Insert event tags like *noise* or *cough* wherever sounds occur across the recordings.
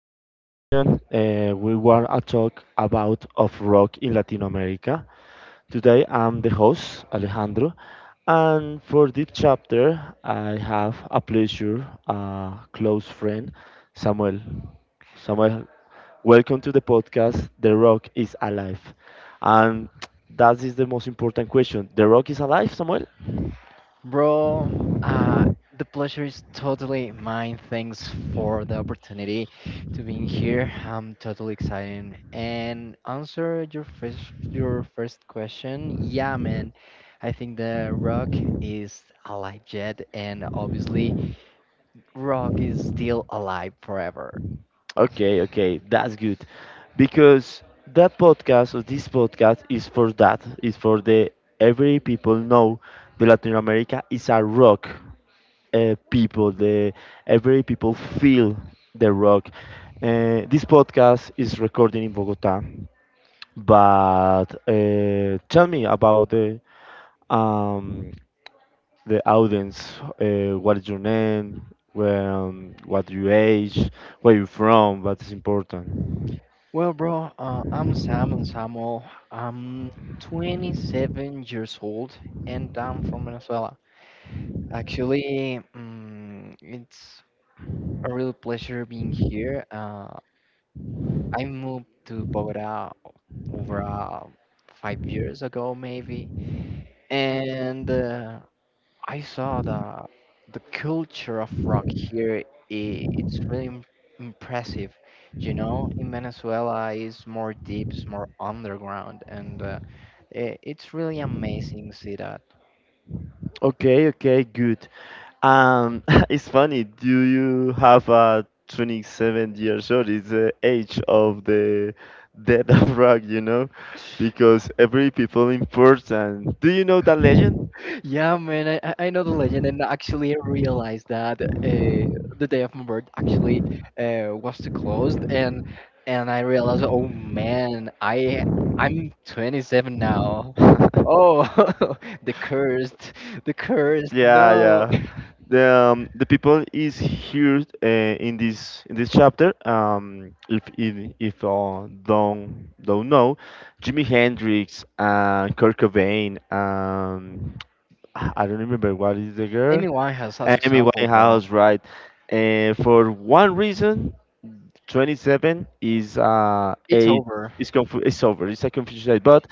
In this session, we want to talk about of rock in Latin America. Today, I'm the host Alejandro, and for this chapter, I have a pleasure, a close friend, Samuel. Samuel, welcome to the podcast. The Rock is Alive, and that is the most important question. The Rock is alive, Samuel. Bro, uh, the pleasure is totally mine. Thanks for the opportunity to being here. I'm totally excited. And answer your first question. Yeah, man. I think the rock is alive yet, and obviously rock is still alive forever. Okay, okay, that's good. Because that podcast or this podcast is for that. It's for the every people know the Latin America is a rock people. The every people feel the rock. This podcast is recorded in Bogota, but tell me about um, the audience. What is your name? Where, what your age? Where you from? What is important? Well, bro, I'm Sam and Samuel. I'm 27 years old, and I'm from Venezuela. Actually, it's a real pleasure being here. I moved to Bogota over 5 years ago, maybe, and I saw the culture of rock here. I It's really impressive. You know, in Venezuela, it's more deep, it's more underground, and it's really amazing to see that. Okay, okay, good. Um, *laughs* it's funny. Do you have a 27 years old? It's the age of the death of *laughs* rock, you know, because every people important. Do you know that legend? Yeah, man, I know the legend, and actually I realized that the day of my birth actually was too close, and I realized, oh man, I'm 27 now. *laughs* Oh, *laughs* the cursed, the cursed. Yeah, No, yeah. The people is here in this chapter. If don't know, Jimi Hendrix and Kurt Cobain. I don't remember what is the *laughs* girl. Amy Winehouse as Amy example, bro. Winehouse, right? And for one reason, 27 is It's age over. is it's over. It's a confusion age. But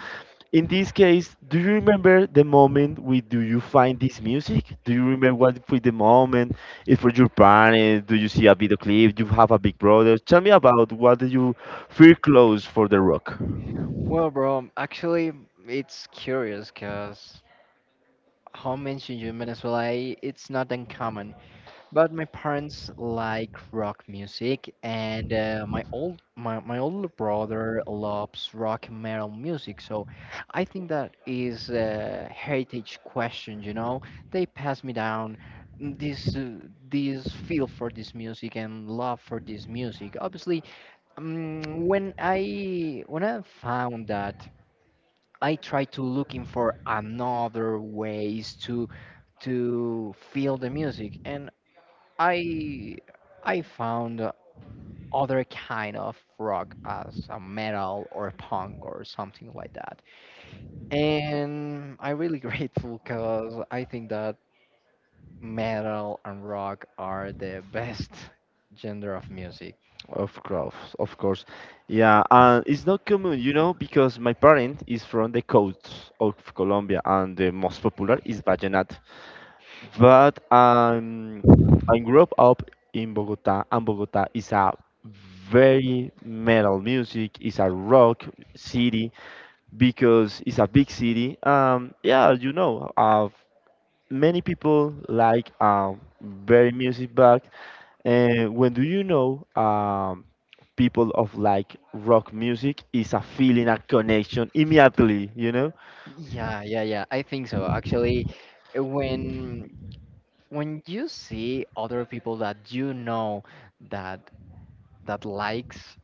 in this case, do you remember the moment we do you find this music? Do you remember what with the moment? Is for your parents? Do you see a video clip? Do you have a big brother? Tell me about what do you feel close for the rock? Well, bro, actually, it's curious, cause how mentioned you in Venezuela, it's not uncommon. But my parents like rock music, and my, older brother loves rock and metal music. So I think that is a heritage question. You know, they pass me down this this feel for this music and love for this music. Obviously, when I found that, I tried to looking for another ways to feel the music, and I I found other kind of rock as a metal or punk or something like that. And I'm really *laughs* grateful because I think that metal and rock are the best *laughs* genre of music. Of course, of course. Yeah, and it's not common, you know, because my parent is from the coast of Colombia and the most popular is vallenato. But I grew up in Bogota, and Bogota is a very metal music, it's a rock city because it's a big city. Yeah, you know, many people like very music, but and when do you know people of like rock music is a feeling, a connection immediately, you know? Yeah, yeah, yeah. I think so. Actually, when you see other people that you know that that likes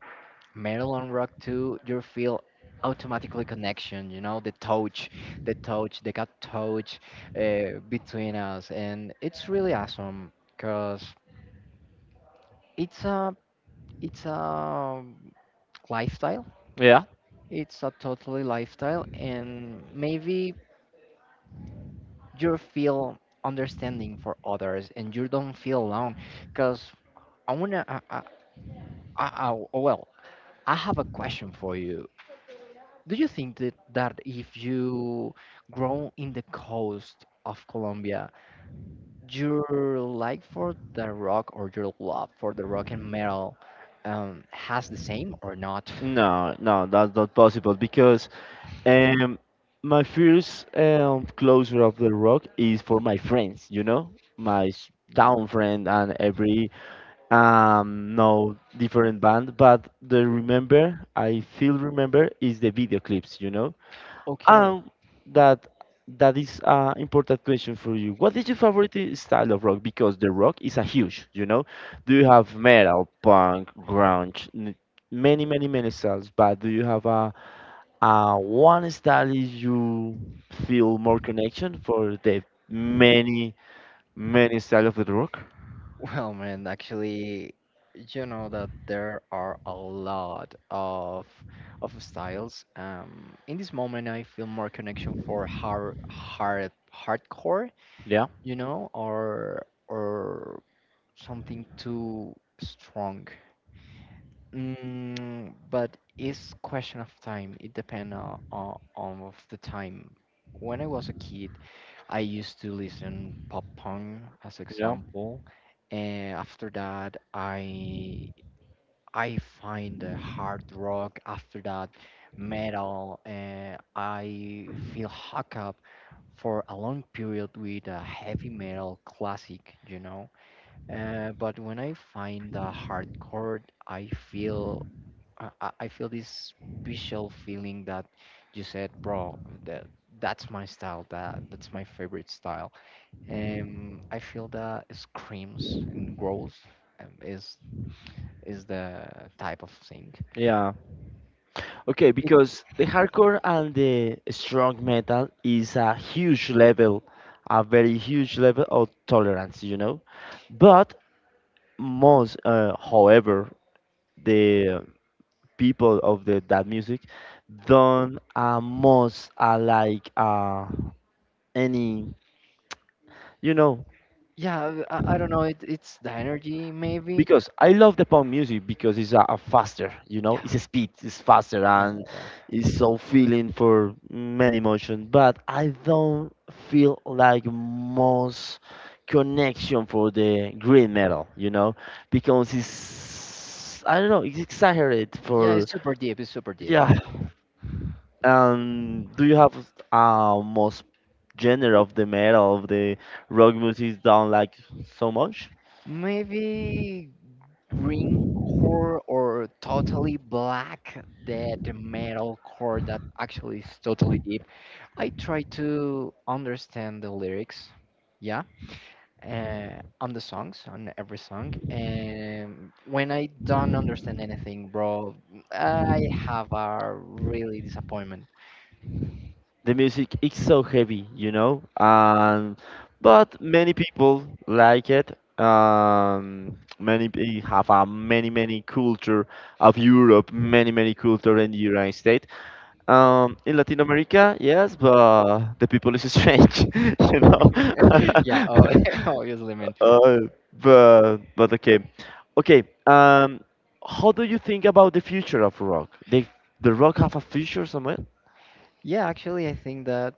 Metal Maryland rock too, you feel automatically connection, you know, the touch, the gut touch between us, and it's really awesome because it's a it's a lifestyle. Yeah. It's a totally lifestyle, and maybe you feel understanding for others, and you don't feel alone. Because I wanna, I- well, I have a question for you. Do you think that, if you grow in the coast of Colombia, your like for the rock or your love for the rock and metal has the same or not? No, no, that's not possible because um, my first closure of the rock is for my friends, you know, my s- Yeah. town friend and every no different band. But the remember, I feel remember is the video clips, you know, Okay. Um, that that is an important question for you. What is your favorite style of rock? Because the rock is a huge, you know. Do you have metal, punk, grunge, many, many, many styles? But do you have a one style is you feel more connection for the many, many style of the rock? Well, man, actually, you know that there are a lot of styles. In this moment, I feel more connection for hardcore, Yeah, you know, or something too strong. But it's question of time. It depends on, on of the time. When I was a kid, I used to listen pop punk as yeah, example, and after that, I find the hard rock. After that, metal, and I feel hook up for a long period with a heavy metal classic. You know but when I find the hardcore, I feel I feel this special feeling that you said, bro, that that's my style, that's my favorite style. I feel that screams and growls is the type of thing. yeah. Okay, because the hardcore and the strong metal is a huge level, a very huge level of tolerance, you know. But most, however, the people of the that music don't most like any, you know, Yeah, I don't know. It's the energy, maybe. because I love the pop music because it's a faster, you know, Yeah, it's a speed, it's faster yeah, and it's so feeling for many emotion. But I don't feel like most connection for the green metal, you know, because it's I don't know, it's exaggerated yeah. for It's super deep. It's super deep. yeah. Do you have most genre of the metal of the rock music down like so much? Maybe green core or totally black the metal core that actually is totally deep. I try to understand the lyrics, yeah, on the songs, on every song, and when I don't understand anything, bro, I have a really disappointment. The music is so heavy, you know, but many people like it. Have a many many culture of Europe, many many culture in the United States. In Latin America, yes, but the people is strange, *laughs* you know. *laughs* Yeah. Oh, *laughs* obviously, man. *laughs* uh, but okay, okay. How do you think about the future of rock? They the rock have a future somewhere? Yeah, actually I think that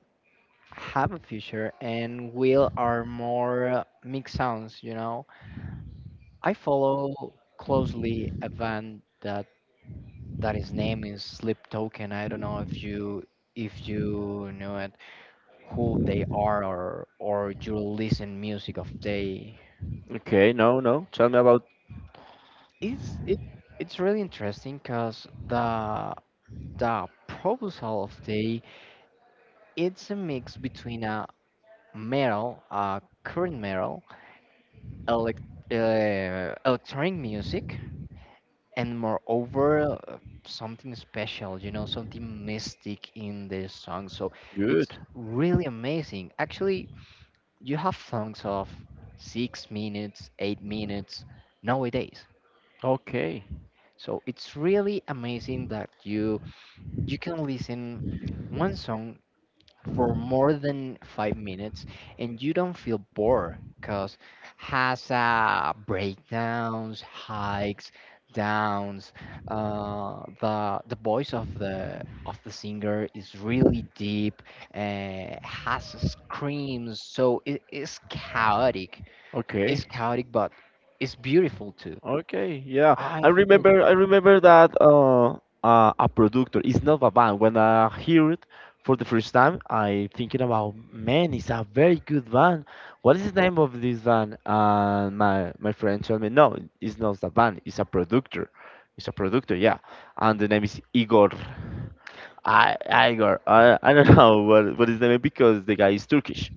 have a future and will are more mixed sounds, you know. I follow closely a band that his name is Sleep Token. I don't know if you know it, who they are, or you listen music of they. Okay, no, no. Tell me about It's it it's really interesting because the proposal of they, it's a mix between a metal, a current metal, elec electronic music, and moreover something special, you know, something mystic in the song. So it's good. really amazing. Actually, you have songs of 6 minutes, 8 minutes nowadays. Okay. So it's really amazing that you can listen one song for more than 5 minutes and you don't feel bored because has breakdowns, hikes, downs. The voice of the singer is really deep. Has screams, so it is chaotic. It's Okay. chaotic, but it's beautiful too. Okay. Yeah. I I really remember good. I remember that a productor is not a band. When I hear it for the first time, I thinking about man, it's a very good band. What is the name of this band? And my friend told me, no, it's not a band. It's a productor. It's a productor, yeah. And the name is Igor. I Igor. I don't *laughs* know what is the name because the guy is Turkish.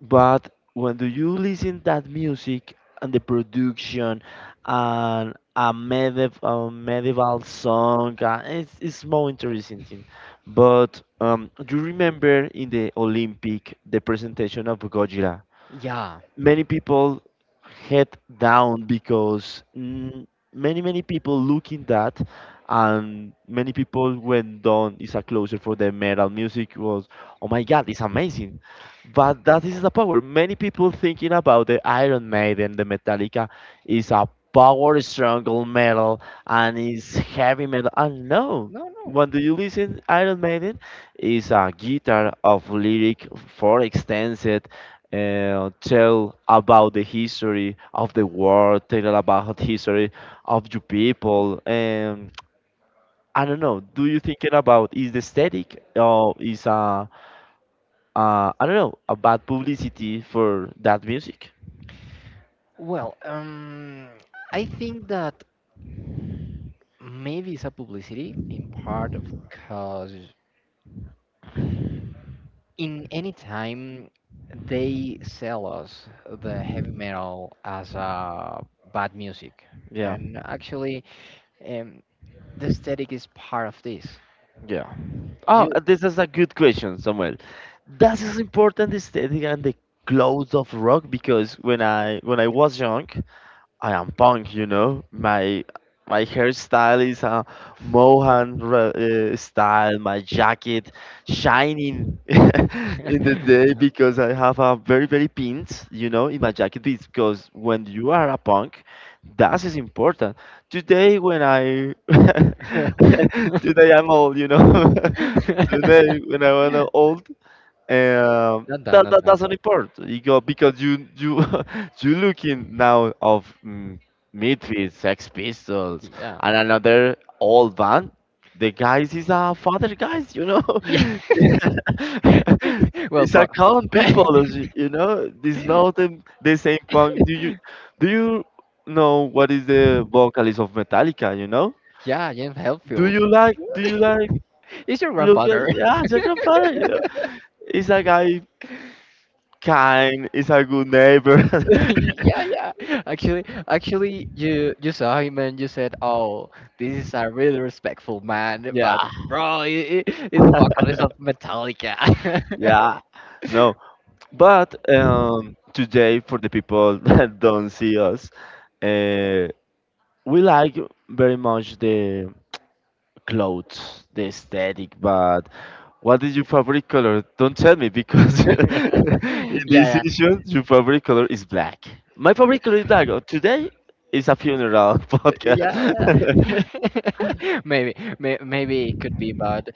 But when do you listen that music and the production and a medieval song, it's more interesting thing. But do you remember in the Olympic the presentation of Godzilla? Yeah. Many people head down because many many people look in that and many people went down is a closure for the metal music was oh my god, it's amazing, but that is the power many people thinking about the Iron Maiden, the Metallica is a power struggle metal and is heavy metal and no No, no. when do you listen Iron Maiden is a guitar of lyric for extended tell about the history of the world, tell about history of your people. And I don't know. Do you think it about is the static or is a I don't know a bad publicity for that music? Well, I think that maybe it's a publicity in part because in any time they sell us the heavy metal as bad music, Yeah, and actually, um, the aesthetic is part of this. yeah. Oh, You, this is a good question, Samuel. That is important the aesthetic and the clothes of rock because when I was young, I am punk, you know. My hairstyle is a Mohan style. My jacket shining *laughs* *laughs* in the not day because I have a very very pins, you know, in my jacket because when you are a punk, that is important. Today when I *laughs* today I'm old, you know. *laughs* today when I am old, um, that not that done, doesn't bro. import. You go because you *laughs* you looking now of Midfield, Sex Pistols, Yeah, and another old band. The guys is a father guys, you know. yeah. *laughs* *laughs* Well, it's bro. a common people, *laughs* you know. This now them the same punk. Do you know what is the vocalist of Metallica? You know. Yeah, James Do Hetfield. you *laughs* like? Do you like? It's your Look at grandfather. yeah, it's a grandfather. You know? It's a guy kind is a good neighbor. *laughs* *laughs* Yeah, yeah. Actually, you saw him and you said, "Oh, this is a really respectful man," yeah, but bro, I it's the vocalist of Metallica. yeah. No, *laughs* but today for the people *laughs* that don't see us, uh, we like very much the clothes, the aesthetic. But what is your favorite color? Don't tell me because *laughs* Yeah, in this yeah, issue, your favorite color is black. My favorite color is black. Today is a funeral *laughs* yeah. podcast. *laughs* Yeah. *laughs* Maybe it could be, but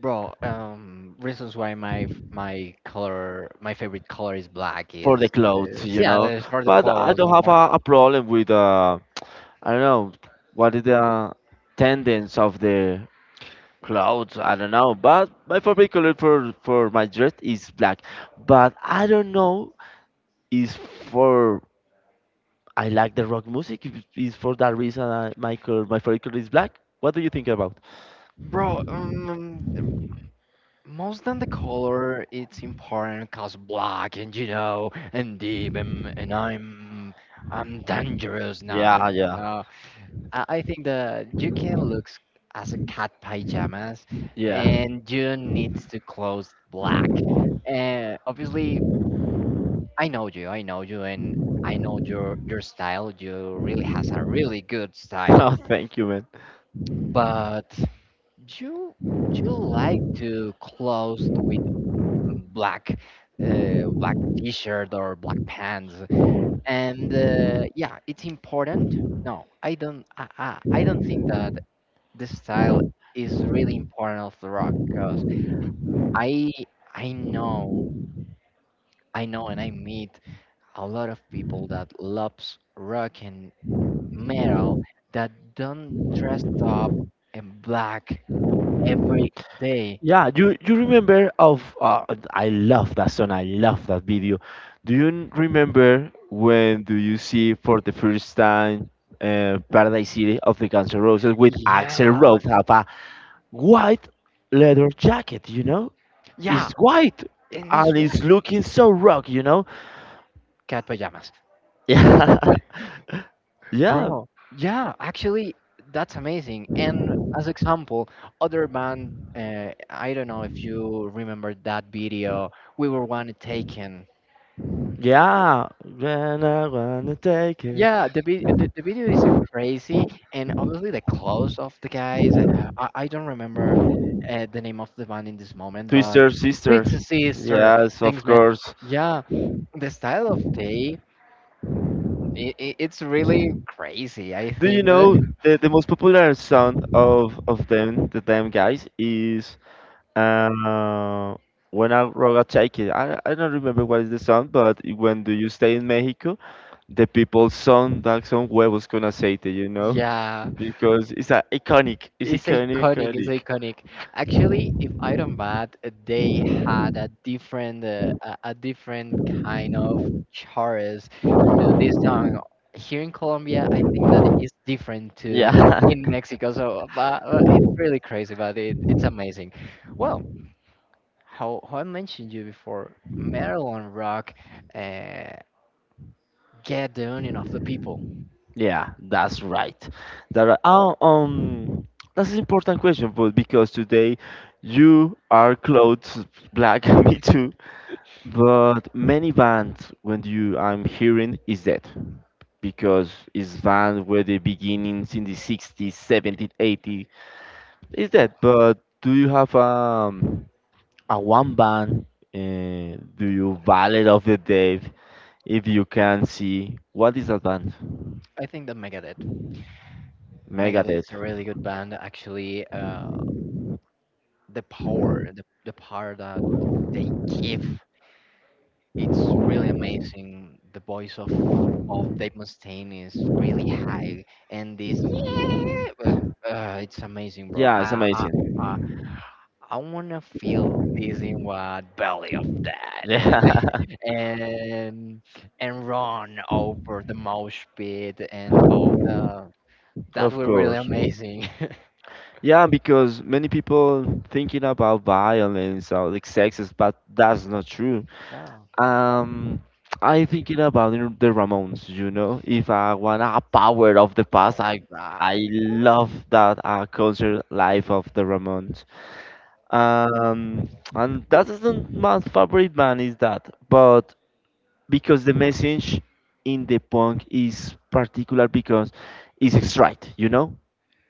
bro, reasons why my color, my favorite color is black for is, the clothes, you yeah, know. it's for the But I clothes, don't have but a problem with I don't know what is the tendency of the clothes. I don't know. But my favorite color for my dress is black. But I don't know is for I like the rock music. Is for that reason I, my color my favorite color is black. What do you think about? bro, Most than the color, it's important cause black and you know and deep, and I'm dangerous. No, no, Yeah, no, no, yeah, no. I think that you can look as a cat pajamas, yeah. *laughs* and you need to close black. And obviously, I know you. I know you, and I know your style. You really has a really good style, Oh, thank you, man. but you you like to close with black black t-shirt or black pants, and yeah, it's important. No, I don't think that the style is really important of the rock, because i i know I know and I meet a lot of people that loves rock and metal that don't dress up in black every day. Yeah, you remember of I love that song. I love that video. Do you remember when do you see for the first time Paradise City of the Guns N' Roses with Axel Yeah, Rose have a white leather jacket? You know, yeah. it's white And it's and it's white looking so rock. You know, cat pajamas. *laughs* yeah, yeah, Bro, yeah, actually, that's amazing. And as example, other band, I don't know if you remember that video. We were one taken. yeah. When I wanna take it, Yeah, the, the video is crazy, and obviously the clothes of the guys. I don't remember the name of the band in this moment, but Twister Sister. sweet sister, Yes, of thanks, man. course. Yeah, the style of they, it's really crazy. I Do you think that. know *laughs* the most popular sound of them the them guys is uh when I rock a check it. I don't remember what is the sound, but when do you stay in Mexico, the people sound that song where was gonna say it? You know, Yeah. because it's a iconic, it's It's iconic, iconic. It's iconic. iconic. Actually, if I don't bad, they had a different, a different kind of chorus to this song. Here in Colombia, I think that it's different to Yeah. in Mexico. So, but it's really crazy, but it's amazing. Well, *laughs* how I mentioned you before, Maryland rock, uh, get the union of the people. Yeah, that's right. That right. Oh, that's an important question, but because today you are clothes black, *laughs* me too. But many bands, when you I'm hearing, is that because it's band where the beginnings in the 60s, 70s, 80s is that. But do you have a one band? Do you valid of the day if you can see what is that band? I think that Megadeth. Megadeth is Megadeth. a really good band, actually. The power, the power that they give. It's really amazing. The voice of Dave Mustaine is really high, and this yeah, it's amazing, bro. Yeah, it's amazing. I, I wanna feel this in what belly of that, and Yeah. *laughs* *laughs* and and run over the mouse pit, and oh, that Of was really course. amazing. *laughs* Yeah, because many people thinking about violence or like sexes, but that's not true. Yeah, wow, Um, I thinking about the Ramones, you know. If I want a power of the past, I that, I love that culture life of the Ramones. Um, and that isn't my favorite band is that, but because the message in the punk is particular because it's straight, you know.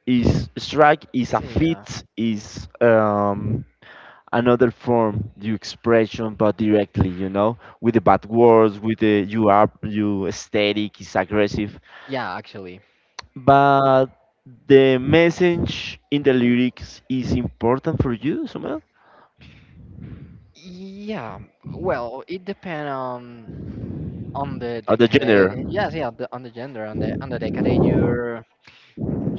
Is strike is a yeah, fit is another form you expression but directly you know with the bad words with the you are you aesthetic is aggressive yeah, actually. but the message in the lyrics is important for you somehow Yeah, well, it depends on the or the decade. genre Yes, yeah, on the gender, on the decade,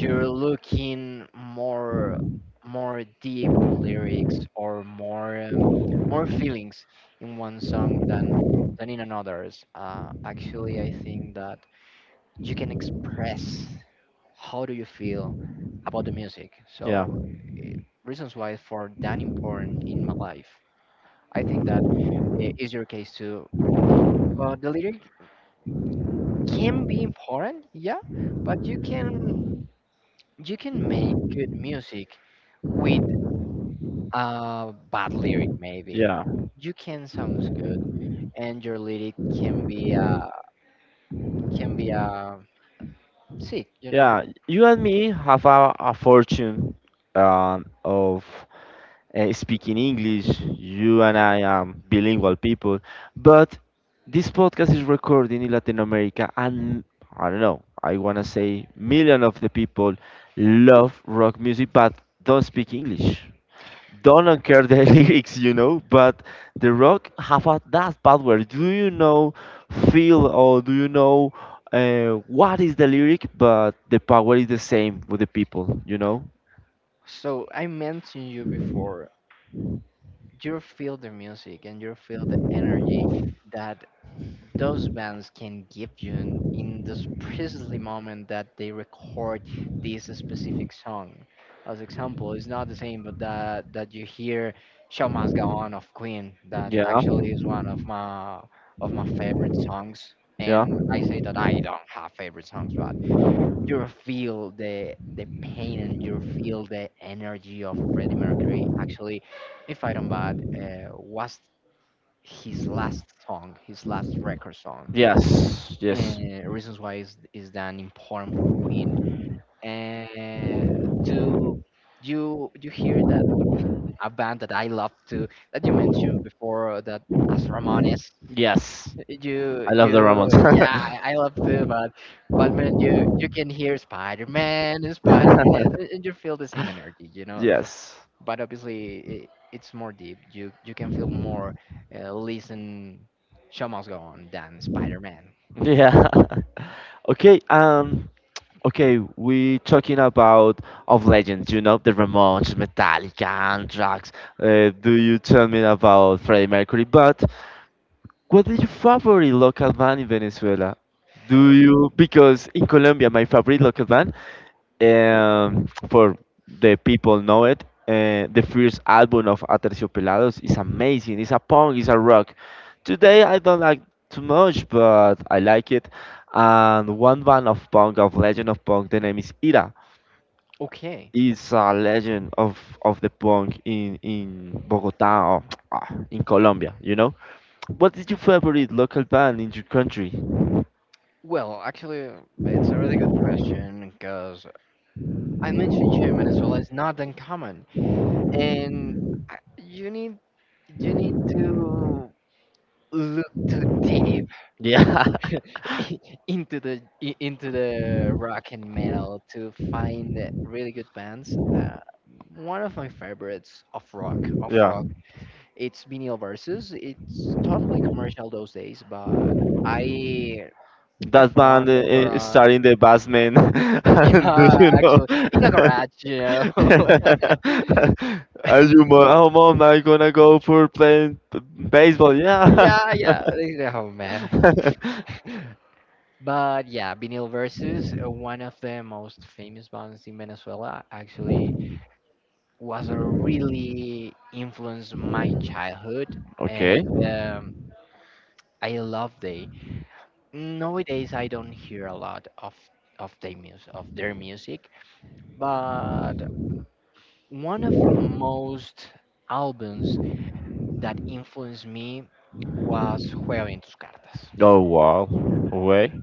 you're looking more deep lyrics or more more feelings in one song than in another's. Actually, I think that you can express how do you feel about the music. yeah So, eh, reasons why for that important in my life. I think that is your case too. The lyric can be important, yeah, but you can make good music with a bad lyric maybe. yeah You can sounds good, and your lyric can be can be uh sick, you know. yeah you and me have a fortune of speaking English. You and I are bilingual people, but this podcast is recording in Latin America, and I don't know. I wanna say million of the people love rock music, but don't speak English. Don't care the *laughs* lyrics, you know. But the rock have a, that power. Do you know feel or do you know what is the lyric? But the power is the same with the people, you know. So I mentioned you before. You feel the music and you feel the energy that those bands can give you in this precisely moment that they record this specific song. As example, it's not the same, but that you hear "Show Must Go On" of Queen. That Yeah, actually is one of my favorite songs. yeah. And I say that I don't have favorite songs, but you feel the pain and you feel the energy of Freddie Mercury. Actually, if I don't bad, was his last song, his last record song, Yes, yes, reasons why is that important for Queen. And to you hear that a band that I love to that you mentioned before that as Ramones. yes. You I love the Ramones. you Yeah, I love too, but man you can hear Spider Man and Spider Man, and you feel the same energy, you know. *laughs* Yes. But obviously it's more deep. You can feel more. Listen, show must go on than Spider Man. Yeah. *laughs* Okay. Okay, we talking about of legends, you know, the Ramones, Metallica, Anthrax. Do you tell me about Freddie Mercury? But what is your favorite local band in Venezuela? Do you because in Colombia my favorite local band, for the people know it, the first album of Aterciopelados is amazing. It's a punk, it's a rock. Today I don't like too much, but I like it. And one band of punk of legend of punk, the name is Ira. Okay. Is a legend of the punk in Bogota or *tsk* ah, in Colombia, you know. What is your favorite local band in your country? Well, actually, it's a really good question because I mentioned gym in Venezuela is not uncommon, and I- you need you need to look too deep Yeah. *laughs* *laughs* into into the rock and metal to find the really good bands. One of my favorites of Yeah, rock it's Vinyl Versus. It's totally commercial those days, but I I that band found over a starring the bassman. *laughs* And do yeah, you actually, in a know? garage, you know. *laughs* *laughs* Are you mom? Oh, mom, I gonna go for playing baseball. Yeah. Yeah, yeah. *laughs* Oh man. *laughs* *laughs* But yeah, vinyl versus one of the most famous bands in Venezuela actually was a really influenced my childhood Okay. and I love they. Nowadays I don't hear a lot of their music, but one of most albums that influenced me was Juega Bien Tus Cartas. Oh wow. Away.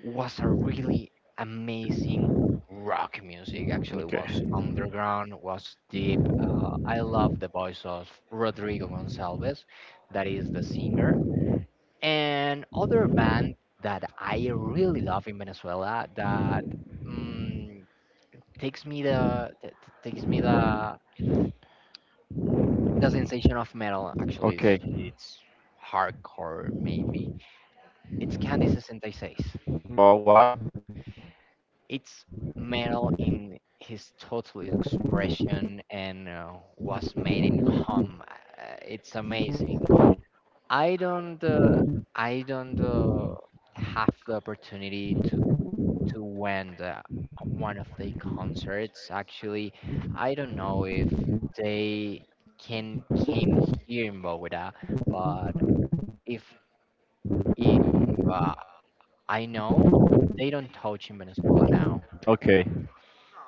Was a really amazing rock music. Actually, was Okay. underground, was deep. I love the voice of Rodrigo Gonçalves, that is the singer. And other band that I really love in Venezuela that mm, takes me takes me the sensation of metal. Actually, Okay. it's hardcore maybe it's Candy 66. Oh wow. It's metal in his total expression and was made in home. It's amazing. I don't uh, I don't have the opportunity to went one of their concerts. Actually, I don't know if they can came here in Bogota, but if if uh, I know, they don't touch in Venezuela now. Okay.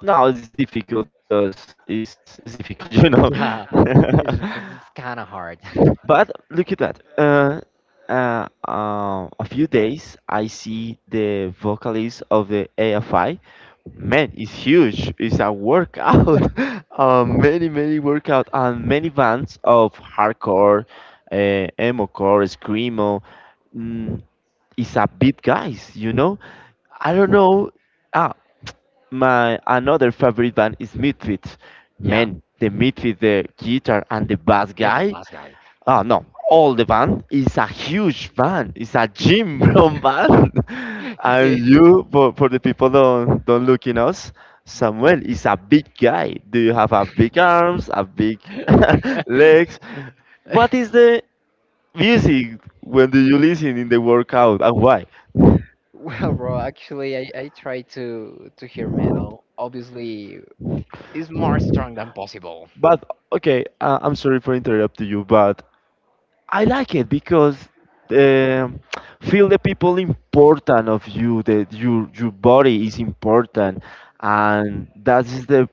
No, it's difficult because it's difficult, *laughs* you know. Yeah, *laughs* it's kind of hard. *laughs* But look at that. A few days, I see the vocalist of the AFI. Man, it's huge. It's a workout. *laughs* Many, many workout and many bands of hardcore, emo core, screamo. Mm, it's a big guys, you know. I don't know. Ah, my another favorite band is Midfit. Yeah, Man, the Midfit, the guitar and the bass even the guy. last guy. Oh no, all the van is a huge van. It's a gym room *laughs* van, *laughs* and Eh, you for the people don't look in us. Samuel is a big guy. Do you have a big arms, a big *laughs* legs? *laughs* What is the music when do you listen in the workout and why? well, bro, actually, I try to hear metal. Obviously, it's more strong than possible. But okay, I'm sorry for interrupting you, but I like it because um feel the people important of you, that your body is important, and that is the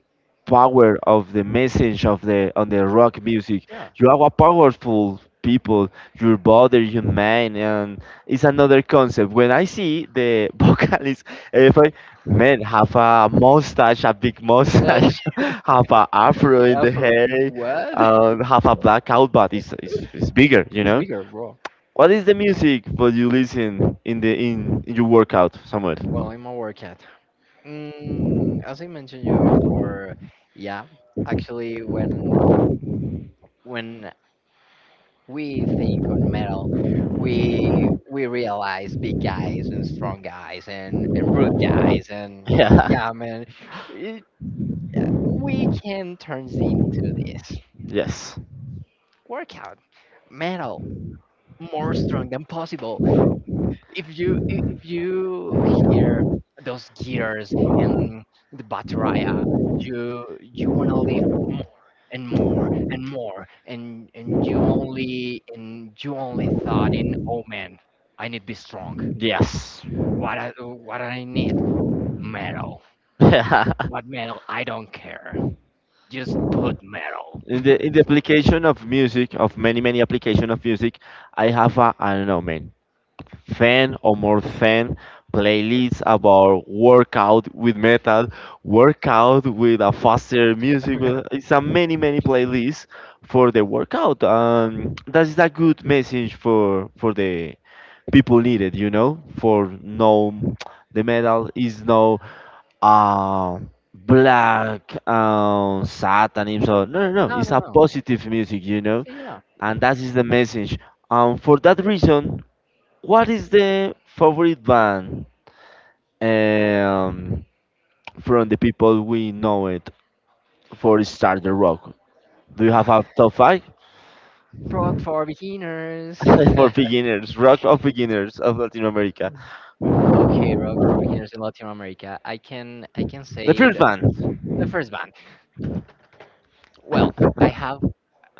power of the message of the on the rock music. Yeah. You are a powerful people, your body, your mind, and it's another concept. When I see the *laughs* vocalist, if I man have a mustache, a big Uh, mustache, *laughs* have a afro *laughs* in the afro, hair, what? *laughs* Have a blackout, but it's bigger, you It's know. bigger, bro. What is the music but you listen in the in your workout, Well, Samuel? I'm a workout. Mm, as I mentioned you before, yeah. Actually, when we think on metal, we realize big guys and strong guys and rude guys and Yeah. yeah, man, it, we can turn into this Yes, workout metal more strong than possible. If you if you hear those guitars and the bateria, you wanna live more and more and more, and you only and you only thought in, oh man, I need to be strong. yes. What I need metal. *laughs* What metal? I don't care. Just put metal. In the in the application of music of many many application of music, I have a I don't know man. Fan or more fan playlists about workout with metal, workout with a faster music. It's a many many playlists for the workout. That is a good message for the people needed. You know, for no the metal is no uh, black satanism. So no no no, No, it's no, a no. positive music. You So know, yeah, and that is the message. For that reason, what is the favorite band um, from the people we know it for starter rock? Do you have a top five rock for beginners. *laughs* for *laughs* beginners, rock of beginners of Latin America? Okay, rock for beginners in Latin America. I can say The it first band, the first band. Well, I *laughs* have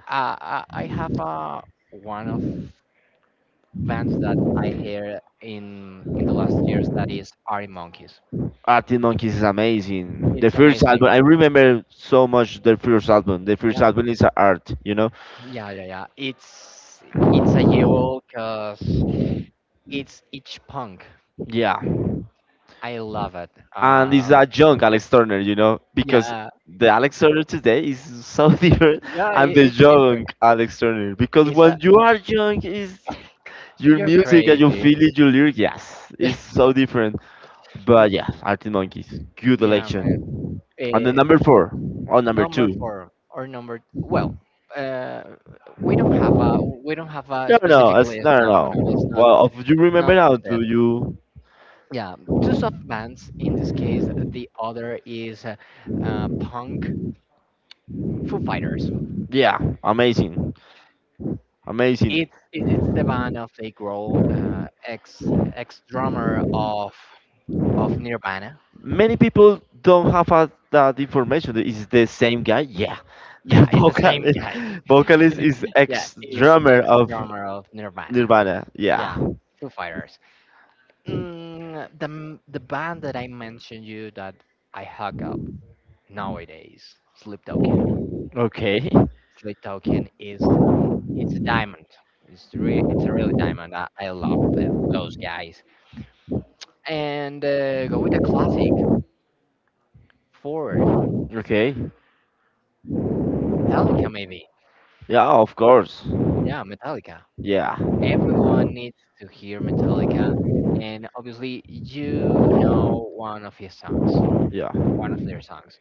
I have one of bands that I hear in the last years that is Arctic Monkeys. Arctic Monkeys is amazing. The It's first album, amazing. I remember so much. The first Yeah, album is a art, you know. Yeah. It's a jewel because it's punk. Yeah. I love it. And it's Uh, a young Alex Turner, you know, because yeah, the Alex Turner today is so *laughs* different yeah. and the It's different. young Alex Turner. Because It's a when you are young, is your you're music and your crazy. feeling, your lyrics, yes, it's *laughs* so different. Mm, But yeah, Arctic Monkeys, good yeah, man. election. On the Eh, number four, or number number two. four or number well uh, we don't have a No, we don't have a no, no, specific it's, list, no, no, no, no, it's no. not Well, if you remember not for now, that, do you? yeah, two soft bands in this case the other is punk Foo Fighters, Yeah, amazing, amazing. It's the band of Dave Grohl, ex drummer of Nirvana. Many people don't have a, that information. Is the same guy? Yeah, *laughs* the Yeah, it's the same vocalist, guy. vocalist is Yeah, ex is drummer ex of drummer of Nirvana. Nirvana. Yeah. Yeah, Foo Fighters. Mm, the band that I mentioned you that I hug up nowadays, Sleep Token. Okay. Sleep Token is it's a diamond. It's a really diamond. I love that those guys. And go with the classic four Okay. Metallica maybe. Yeah, of course. Yeah, Metallica. Yeah, Everyone needs to hear Metallica, and obviously you know yeah. one of their songs.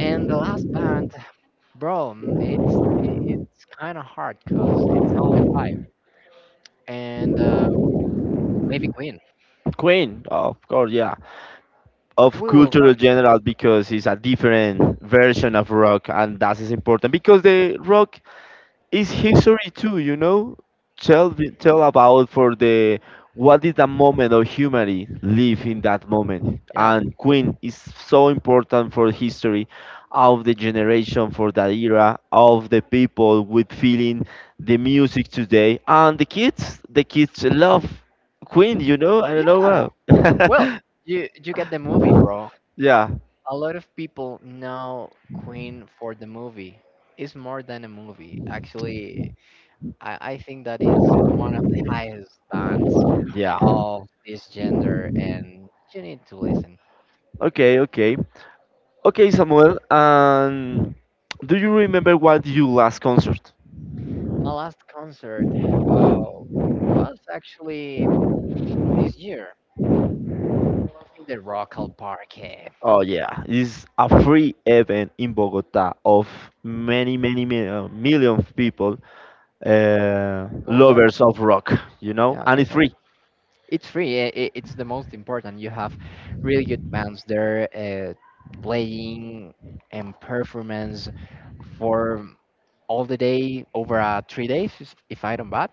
And the last band bro, mm, it's kind of hard because it's only five, and maybe Queen. Queen, of course. Yeah, of We will cultural rock you. general because it's a different version of rock, and that is important because the rock it's history too, you know. Tell about for the what is the moment of humanity live in that moment, Yeah, and Queen is so important for history of the generation for that era of the people with feeling the music today and the kids love Queen, you know. I don't know yeah. Well, why. You get the movie, bro. *laughs* Yeah, A lot of people know Queen for the movie. It's more than a movie. Actually, I think that is one of the highest bands yeah. of this gender, and you need to listen. Okay, okay. Okay, Samuel, and do you remember what your last concert? My last concert, uh, was actually this year. In the Rockall Park. Eh, Oh yeah, it's a free event in Bogota of many, many, many million of people, go there. lovers of rock, you know, Yeah, and go it's there. free. It's free. It's the most important. You have really good bands there playing and performance for all the day over 3 days, if I don't bad.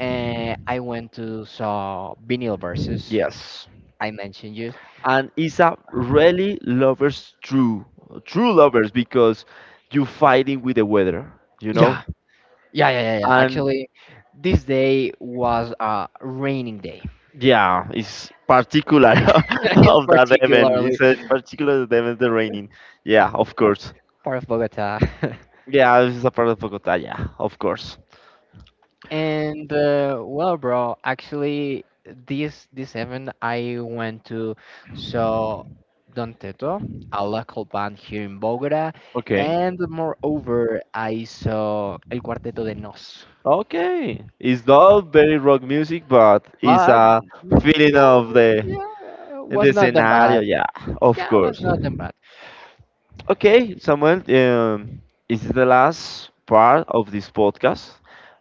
And I went to saw Vinyl Versus. Yes, I mentioned you. and it's a really lovers true, true lovers because you're fighting with the weather, you know, Yeah, yeah. and Actually, this day was a raining day. yeah, it's particular *laughs* *laughs* It's of that event. particularly It's a particular event, the raining. Yeah, of course. part of Bogota. *laughs* Yeah, this is a part of Bogota. Yeah, of course. And well, bro, actually, this event I went to saw Don Teto, a local band here in Bogota, and moreover, I saw El Cuarteto de Nos. Okay, it's not very rock music, but it's But a mm, feeling yeah, of the yeah, in was the not that bad. scenario. Yeah, of Yeah, was course. not that bad Okay, Samuel, this is the last part of this podcast.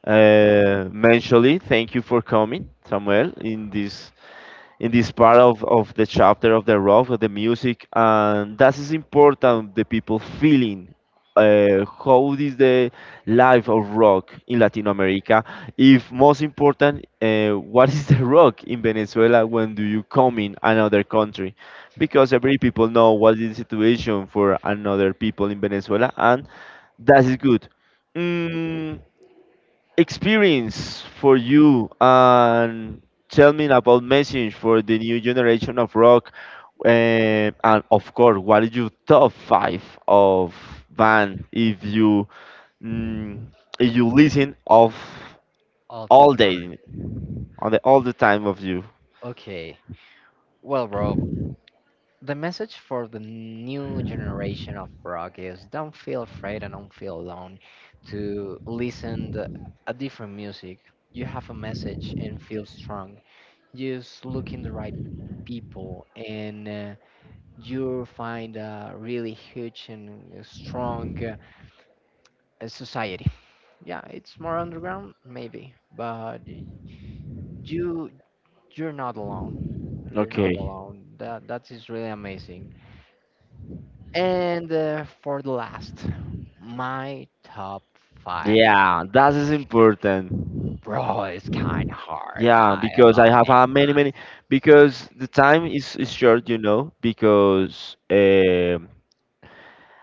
Mentally, thank you for coming, Samuel, in this part of the chapter of the rock of the music and that is important the people feeling how is the life of rock in Latin America if most important what is *laughs* the rock in Venezuela when do you come in another country because every people know what is the situation for another people in Venezuela and that is good. Mm, experience for you and tell me about message for the new generation of rock, eh, and of course what is your top five of band if you mm, if you listen of all the all time. day on the all the time of you. Okay, well, bro. The message for the new generation of rock is don't feel afraid and don't feel alone to listen to a different music. You have a message and feel strong. Just look in the right people and you find a really huge and strong society. Yeah, it's more underground maybe, but you you're not alone. You're not Okay, alone. That is really amazing. And for the last, my top five. yeah, that is important. Bro, it's kind of hard. Yeah, I because I love me. have many many because the time is short you know because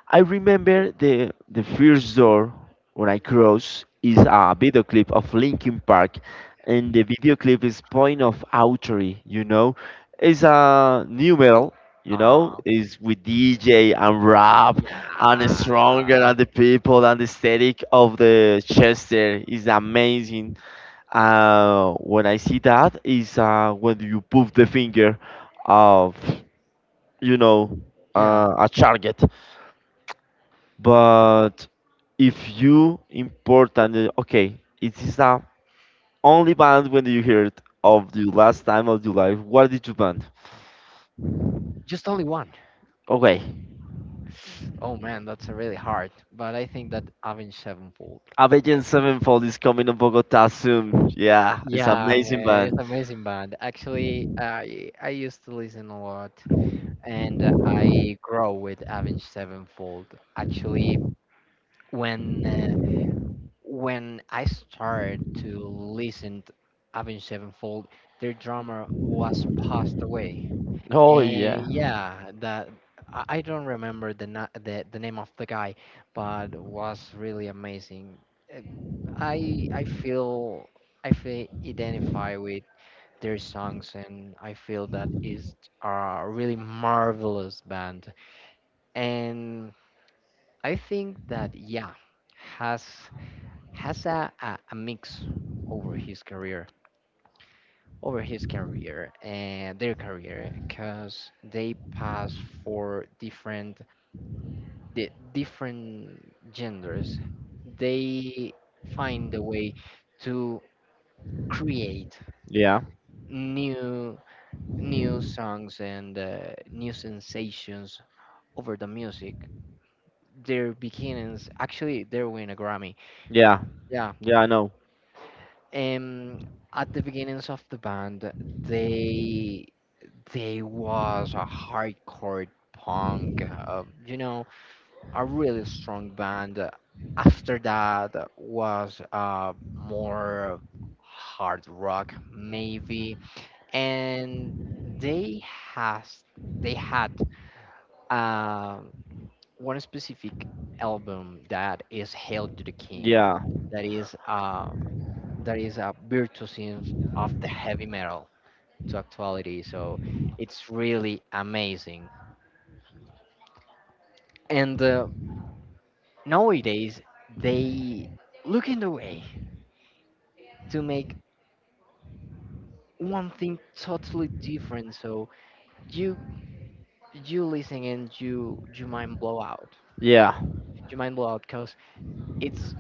I remember the first door when I cross is a video clip of Linkin Park, and the video clip is Point of Autory. You know, it's a new metal. You know, Uh-huh. is with DJ and rap Yeah. and it's stronger and the people and the aesthetic of the Chester is amazing. When I see that is when you put the finger of you know Yeah. A target. But if you important, okay, it is a only band when you heard of the last time of your life. What did you band? Just only one. Okay. Oh man, that's really hard. But I think that Avenged Sevenfold. Avenged Sevenfold is coming to Bogota soon. Yeah, it's Yeah, amazing man, it's band. amazing band. Actually, I used to listen a lot, and I grow with Avenged Sevenfold. Actually, when uh, when I started to listen to Avenged Sevenfold, their drummer was passed away, Oh and yeah, yeah, that I don't remember the name of the guy, but was really amazing. Uh, I I feel I feel identify with their songs, and I feel that is a really marvelous band, and I think that yeah has has a mix over his career, over his career and their career, because they pass for different the different genders. They find a way to create yeah, new new songs and new sensations over the music. Their beginnings, actually, they win a Grammy. yeah, Yeah. yeah. I know. Um, at the beginnings of the band, they they was a hardcore punk, you know, a really strong band. After that was more hard rock, maybe, and they has they had um one specific album that is "Hail to the King," Yeah, that is uh, that is a virtuoso of the heavy metal to actuality. So it's really amazing. And nowadays, they look in the way to make one thing totally different. So you you listen and you mind blow out. yeah, You mind blow out because it's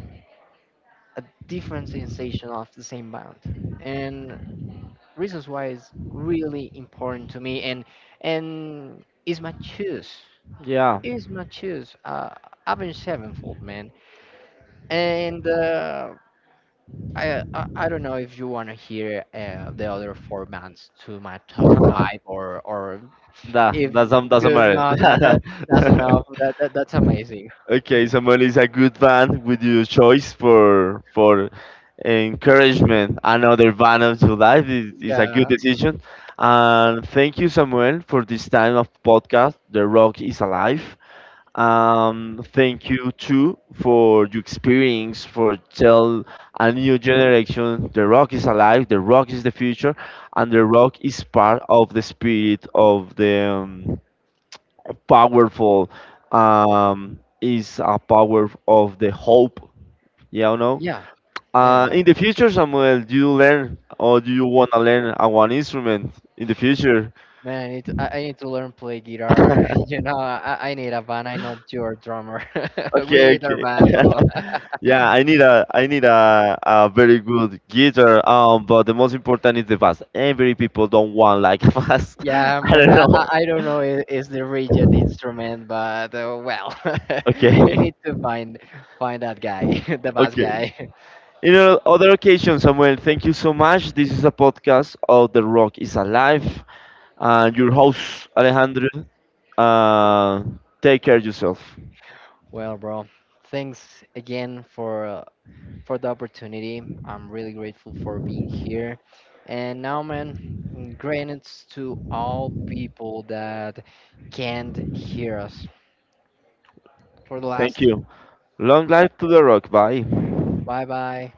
a different sensation of the same band. And reasons why is really important to me. And is my choice. yeah. Is my choice. I've been sevenfold man. And I don't know if you want to hear the other four bands to my top five *laughs* or if That doesn't good matter. no that, that's enough *laughs* that's amazing. Okay, Samuel is a good band with your choice for encouragement. Another band of your life is a good Yeah, decision. And thank you, Samuel, for this time of podcast. The Rock is Alive. Thank you too for your experience for tell a new generation the rock is alive, the rock is the future, and the rock is part of the spirit of the powerful is a power of the hope, you know. yeah, yeah, yeah, In the future Samuel do you learn or do you want to learn one instrument in the future? man, I need to, I need to learn play guitar *laughs* you *laughs* know, I need a band. I know you're a drummer. *laughs* We Okay, need our okay. band, *laughs* bro. Yeah, I need a I need a very good guitar but the most important is the bass every people don't want like *laughs* bass Yeah I man, don't know. I don't know, is the *laughs* rigid instrument, but well. *laughs* We Okay. need to find that guy. *laughs* The bass Okay. guy. In other occasion, Samuel, thank you so much. This is a podcast of The Rock is Alive. Your host, Alejandro. Uh, Take care of yourself. Well, bro, thanks again for the opportunity. I'm really grateful for being here. And now, man, mm, gratitude to all people that can't hear us. For the Thank last, you. Long life to The Rock. Bye. bye bye.